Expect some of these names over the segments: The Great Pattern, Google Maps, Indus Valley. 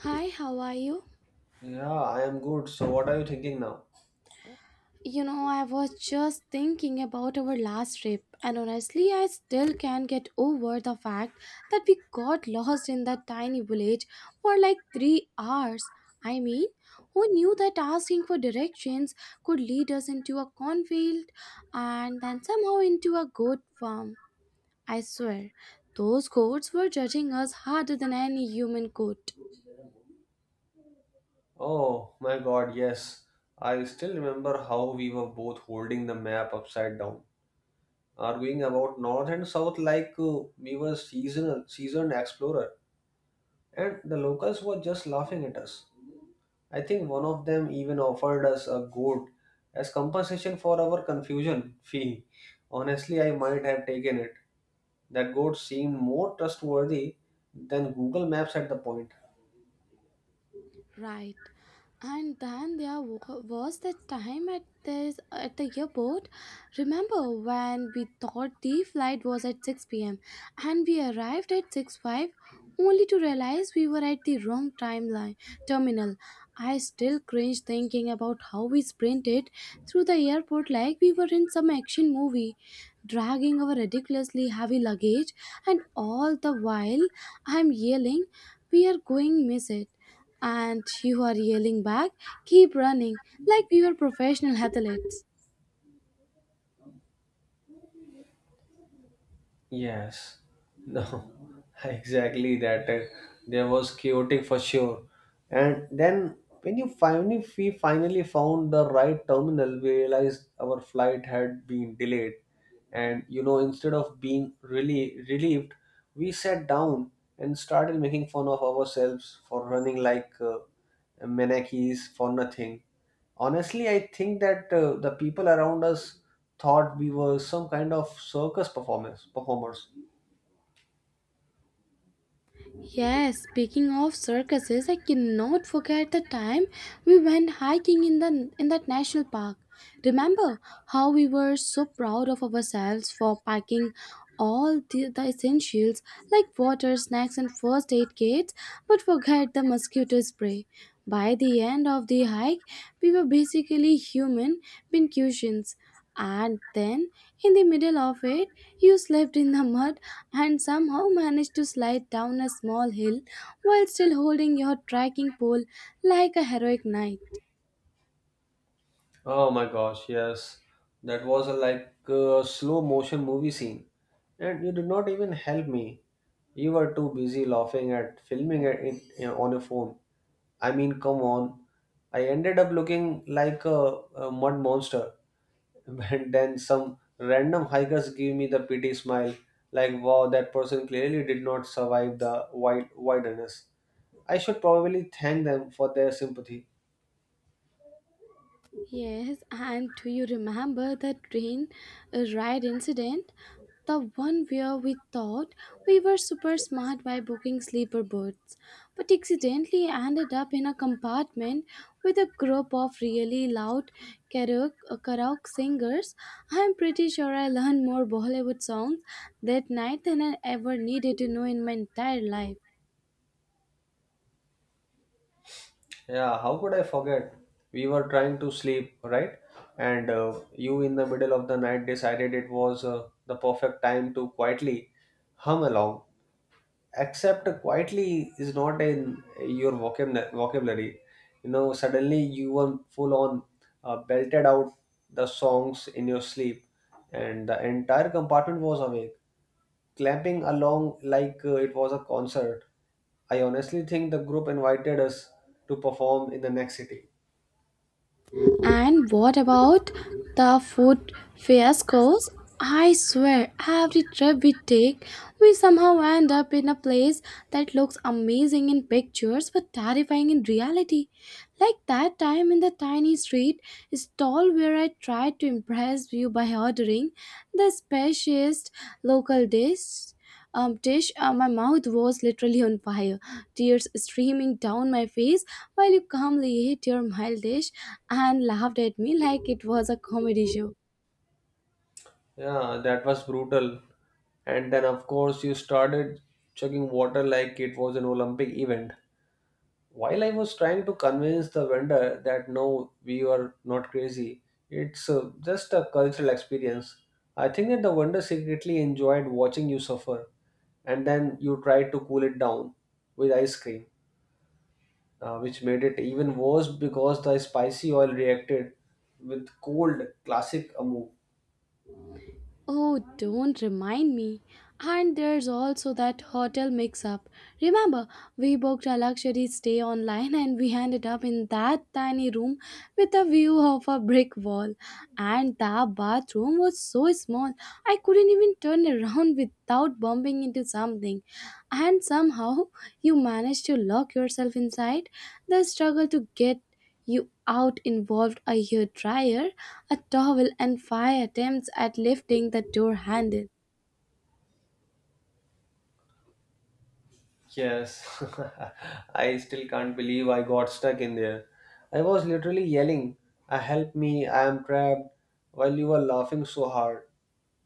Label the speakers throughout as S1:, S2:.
S1: Hi, how are you?
S2: Yeah, I am good. So, what are you thinking now?
S1: You know, I was just thinking about our last trip, and honestly, I still can't get over the fact that we got lost in that tiny village for like 3 hours. I mean, who knew that asking for directions could lead us into a cornfield and then somehow into a goat farm? I swear, those goats were judging us harder than any human could.
S2: Oh my god, yes. I still remember how we were both holding the map upside down, arguing about north and south like we were seasoned explorer, and the locals were just laughing at us. I think one of them even offered us a goat as compensation for our confusion fee. Honestly, I might have taken it. That goat seemed more trustworthy than Google Maps at the point.
S1: Right. And then there was that time at this at the airport. Remember when we thought the flight was at 6 p.m. and we arrived at six five, only to realize we were at the wrong timeline terminal. I still cringe thinking about how we sprinted through the airport like we were in some action movie, dragging our ridiculously heavy luggage, and all the while I'm yelling, "We are going miss it," and you are yelling back, "Keep running," like we were professional athletes.
S2: Yes, no, exactly that. There was chaotic for sure. And then when you finally we finally found the right terminal, we realized our flight had been delayed. And you know, instead of being really relieved, we sat down and started making fun of ourselves for running like manakis for nothing. Honestly, I think that the people around us thought we were some kind of circus performers.
S1: Yes, speaking of circuses, I cannot forget the time we went hiking in that national park. Remember how we were so proud of ourselves for packing all the essentials like water, snacks, and first aid kits, but forget the mosquito spray. By the end of the hike, we were basically human pincushions. And then, in the middle of it, you slept in the mud and somehow managed to slide down a small hill while still holding your trekking pole like a heroic knight.
S2: Oh my gosh, yes, that was like a slow motion movie scene, and you did not even help me. You were too busy laughing at filming it, you know, on your phone. I mean, come on. I ended up looking like a mud monster. And then some random hikers give me the pity smile, like, wow, that person clearly did not survive the wilderness. I should probably thank them for their sympathy.
S1: Yes, and do you remember the train ride incident? The one where we thought we were super smart by booking sleeper berths, but accidentally ended up in a compartment with a group of really loud karaoke singers. I'm pretty sure I learned more Bollywood songs that night than I ever needed to know in my entire life.
S2: Yeah, how could I forget? We were trying to sleep, right? And you, in the middle of the night, decided it was the perfect time to quietly hum along. Accept quietly is not in your vocabulary, you know, suddenly you were full on belted out the songs in your sleep, and the entire compartment was awake, clamping along like it was a concert. I honestly think the group invited us to perform in the next city.
S1: And what about the food fiascos? I swear, every trip we take, we somehow end up in a place that looks amazing in pictures but terrifying in reality. Like that time in the tiny street stall where I tried to impress you by ordering the speciest local dish my mouth was literally on fire, tears streaming down my face while you calmly ate your mild dish and laughed at me like it was a comedy show.
S2: Yeah, that was brutal. And then of course you started chugging water like it was an Olympic event. While I was trying to convince the vendor that no, we are not crazy, it's just a cultural experience, I think that the vendor secretly enjoyed watching you suffer. And then you tried to cool it down with ice cream, which made it even worse because the spicy oil reacted with cold classic amu.
S1: Oh, don't remind me. And there's also that hotel mix up. Remember, we booked a luxury stay online and we ended up in that tiny room with a view of a brick wall. And the bathroom was so small, I couldn't even turn around without bumping into something. And somehow, you managed to lock yourself inside. The struggle to get you out involved a hair dryer, a towel, and five attempts at lifting the door handle.
S2: Yes, I still can't believe I got stuck in there. I was literally yelling, "I help me, I am trapped," while you were laughing so hard.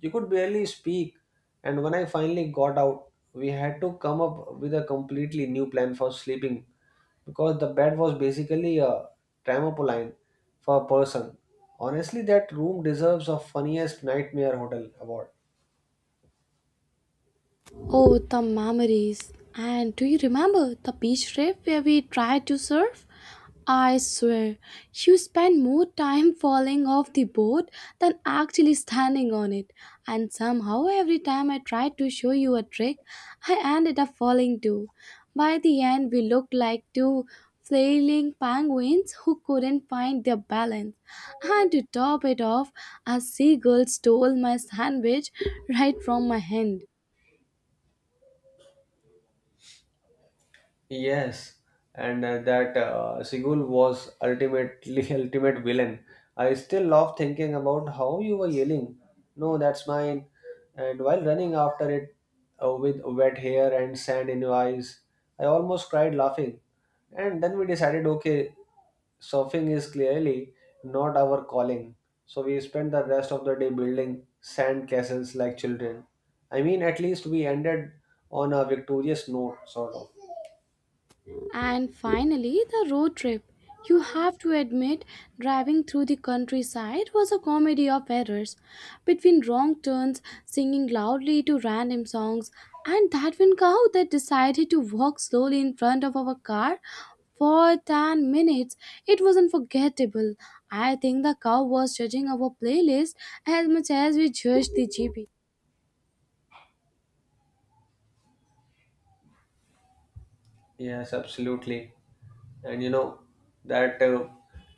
S2: You could barely speak, and when I finally got out, we had to come up with a completely new plan for sleeping because the bed was basically a trampoline for a person. Honestly, that room deserves a funniest nightmare hotel award.
S1: Oh, the memories. And do you remember the beach trip where we tried to surf? I swear, you spent more time falling off the boat than actually standing on it. And somehow, every time I tried to show you a trick, I ended up falling too. By the end, we looked like two flailing penguins who couldn't find their balance. And to top it off, a seagull stole my sandwich right from my hand.
S2: Yes, and that Sigul was ultimately ultimate villain. I still love thinking about how you were yelling, "No, that's mine!" and while running after it with wet hair and sand in your eyes, I almost cried laughing. And then we decided, okay, surfing is clearly not our calling. So we spent the rest of the day building sand castles like children. I mean, at least we ended on a victorious note, sort of.
S1: And finally, the road trip. You have to admit, driving through the countryside was a comedy of errors. Between wrong turns, singing loudly to random songs, and that one cow that decided to walk slowly in front of our car for 10 minutes, it was unforgettable. I think the cow was judging our playlist as much as we judged the GP.
S2: Yes, absolutely. And you know that, uh,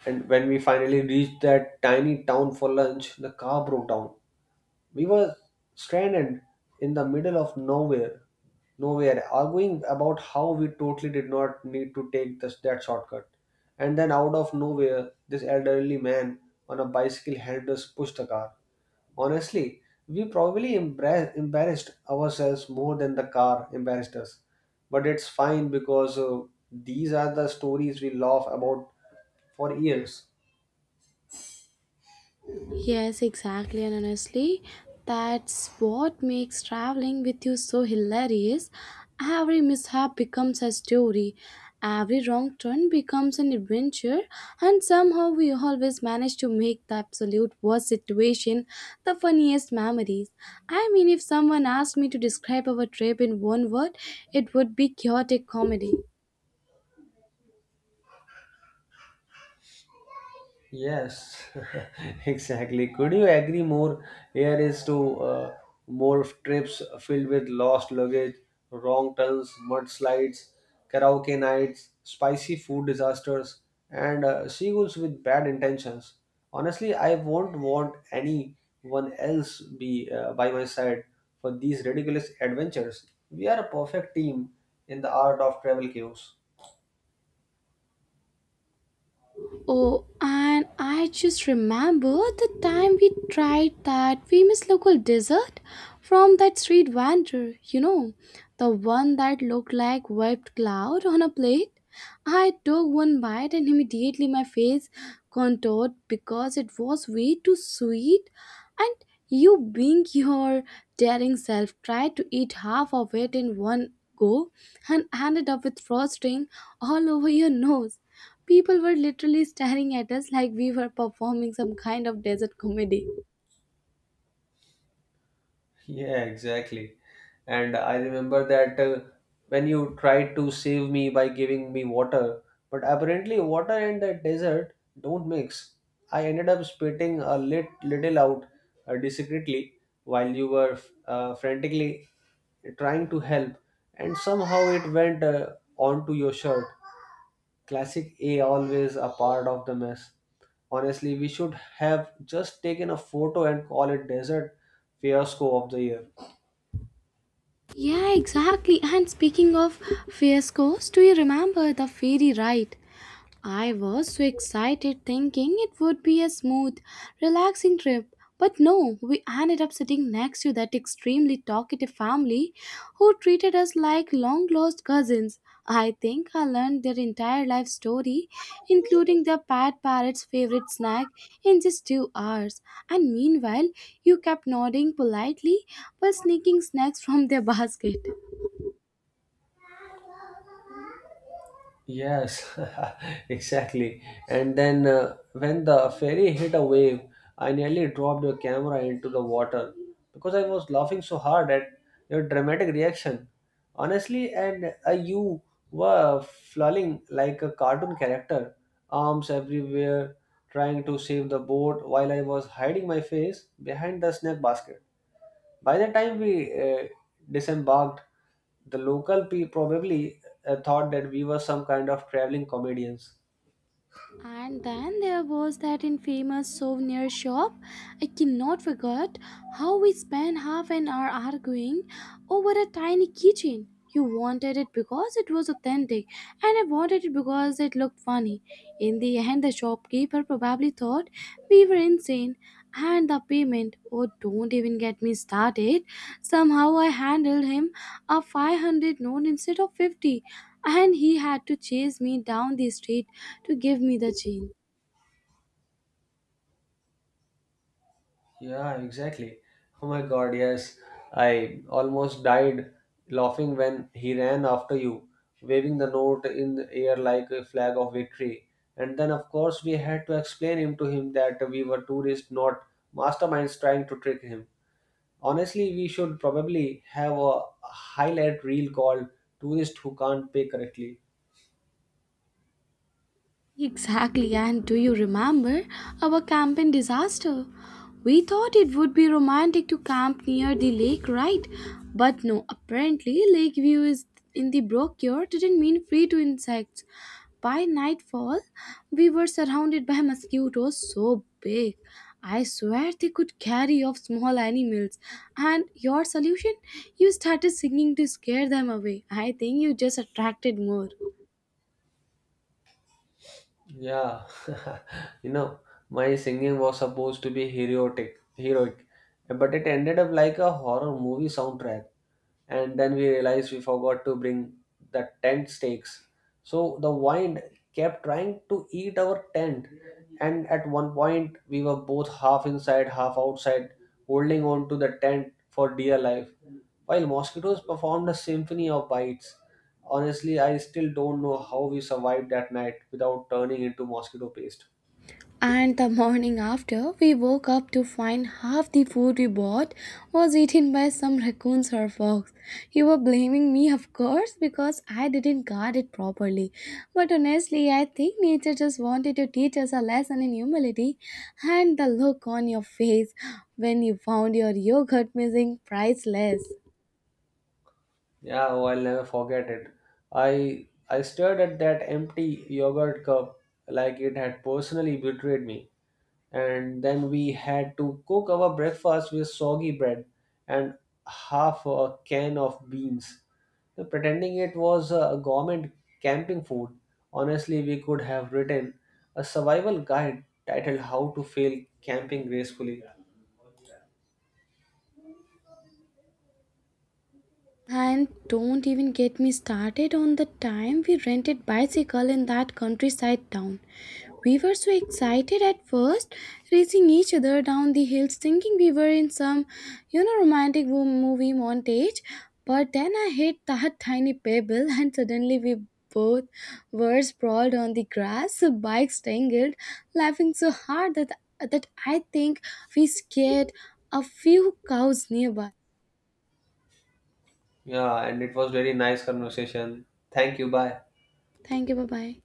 S2: and when we finally reached that tiny town for lunch, the car broke down. We were stranded in the middle of nowhere, arguing about how we totally did not need to take that shortcut. And then out of nowhere, this elderly man on a bicycle helped us push the car. Honestly, we probably embarrassed ourselves more than the car embarrassed us. But it's fine because these are the stories we laugh about for years.
S1: Yes, exactly. And honestly, that's what makes traveling with you so hilarious. Every mishap becomes a story, every wrong turn becomes an adventure, and somehow we always manage to make the absolute worst situation the funniest memories. I mean, if someone asked me to describe our trip in one word, it would be chaotic comedy.
S2: Yes, exactly. Could you agree more? Here is to more trips filled with lost luggage, wrong turns, mudslides, karaoke nights, spicy food disasters, and seagulls with bad intentions. Honestly, I won't want anyone else be by my side for these ridiculous adventures. We are a perfect team in the art of travel chaos.
S1: Oh, and I just remember the time we tried that famous local dessert from that street vendor, you know, the one that looked like whipped cloud on a plate. I took one bite and immediately my face contoured because it was way too sweet. And you, being your daring self, tried to eat half of it in one go and ended up with frosting all over your nose. People were literally staring at us like we were performing some kind of desert comedy.
S2: Yeah, exactly. And I remember that when you tried to save me by giving me water, but apparently water and the desert don't mix. I ended up spitting little out discreetly while you were frantically trying to help, and somehow it went onto your shirt. Classic A, always a part of the mess. Honestly, we should have just taken a photo and call it Desert Fiasco of the Year.
S1: Yeah, exactly. And speaking of fiascos, do you remember the ferry ride? I was so excited thinking it would be a smooth, relaxing trip. But no, we ended up sitting next to that extremely talkative family who treated us like long lost cousins. I think I learned their entire life story, including their pet parrot's favorite snack, in just 2 hours. And meanwhile, you kept nodding politely while sneaking snacks from their basket.
S2: Yes, exactly. And then when the ferry hit a wave, I nearly dropped your camera into the water because I was laughing so hard at your dramatic reaction. Honestly, and you were flailing like a cartoon character, arms everywhere, trying to save the boat while I was hiding my face behind the snack basket. By the time we uh, disembarked, the local people probably thought that we were some kind of traveling comedians.
S1: And then there was that infamous souvenir shop. I cannot forget how we spent half an hour arguing over a tiny keychain. You wanted it because it was authentic, and I wanted it because it looked funny. In the end, the shopkeeper probably thought we were insane. And the payment, oh, don't even get me started. Somehow I handed him a 500 note instead of 50, and he had to chase me down the street to give me the gene.
S2: Yeah, exactly. Oh my god, yes. I almost died laughing when he ran after you, waving the note in the air like a flag of victory. And then, of course, we had to explain him that we were tourists, not masterminds trying to trick him. Honestly, we should probably have a highlight reel called Tourists Who Can't Pay Correctly.
S1: Exactly, and do you remember our camping disaster? We thought it would be romantic to camp near the lake, right? But no, apparently, lake view is in the brochure didn't mean free to insects. By nightfall, we were surrounded by mosquitoes so big. I swear they could carry off small animals. And your solution? You started singing to scare them away. I think you just attracted more.
S2: Yeah, you know, my singing was supposed to be heroic, but it ended up like a horror movie soundtrack. And then we realized we forgot to bring the tent stakes. So the wind kept trying to eat our tent, and at one point we were both half inside, half outside, holding on to the tent for dear life, while mosquitoes performed a symphony of bites. Honestly, I still don't know how we survived that night without turning into mosquito paste.
S1: And the morning after, we woke up to find half the food we bought was eaten by some raccoons or fox. You were blaming me, of course, because I didn't guard it properly. But honestly, I think nature just wanted to teach us a lesson in humility. And the look on your face when you found your yogurt missing, priceless.
S2: Yeah, oh, I'll never forget it. I stared at that empty yogurt cup like it had personally betrayed me. And then we had to cook our breakfast with soggy bread and half a can of beans. Pretending it was a government camping food. Honestly, we could have written a survival guide titled How to Fail Camping Gracefully.
S1: And don't even get me started on the time we rented bicycle in that countryside town. We were so excited at first, racing each other down the hills, thinking we were in some, you know, romantic movie montage. But then I hit that tiny pebble, and suddenly we both were sprawled on the grass, bikes tangled, laughing so hard that I think we scared a few cows nearby.
S2: Yeah, and it was very nice conversation. Thank you. Bye.
S1: Thank you. Bye bye.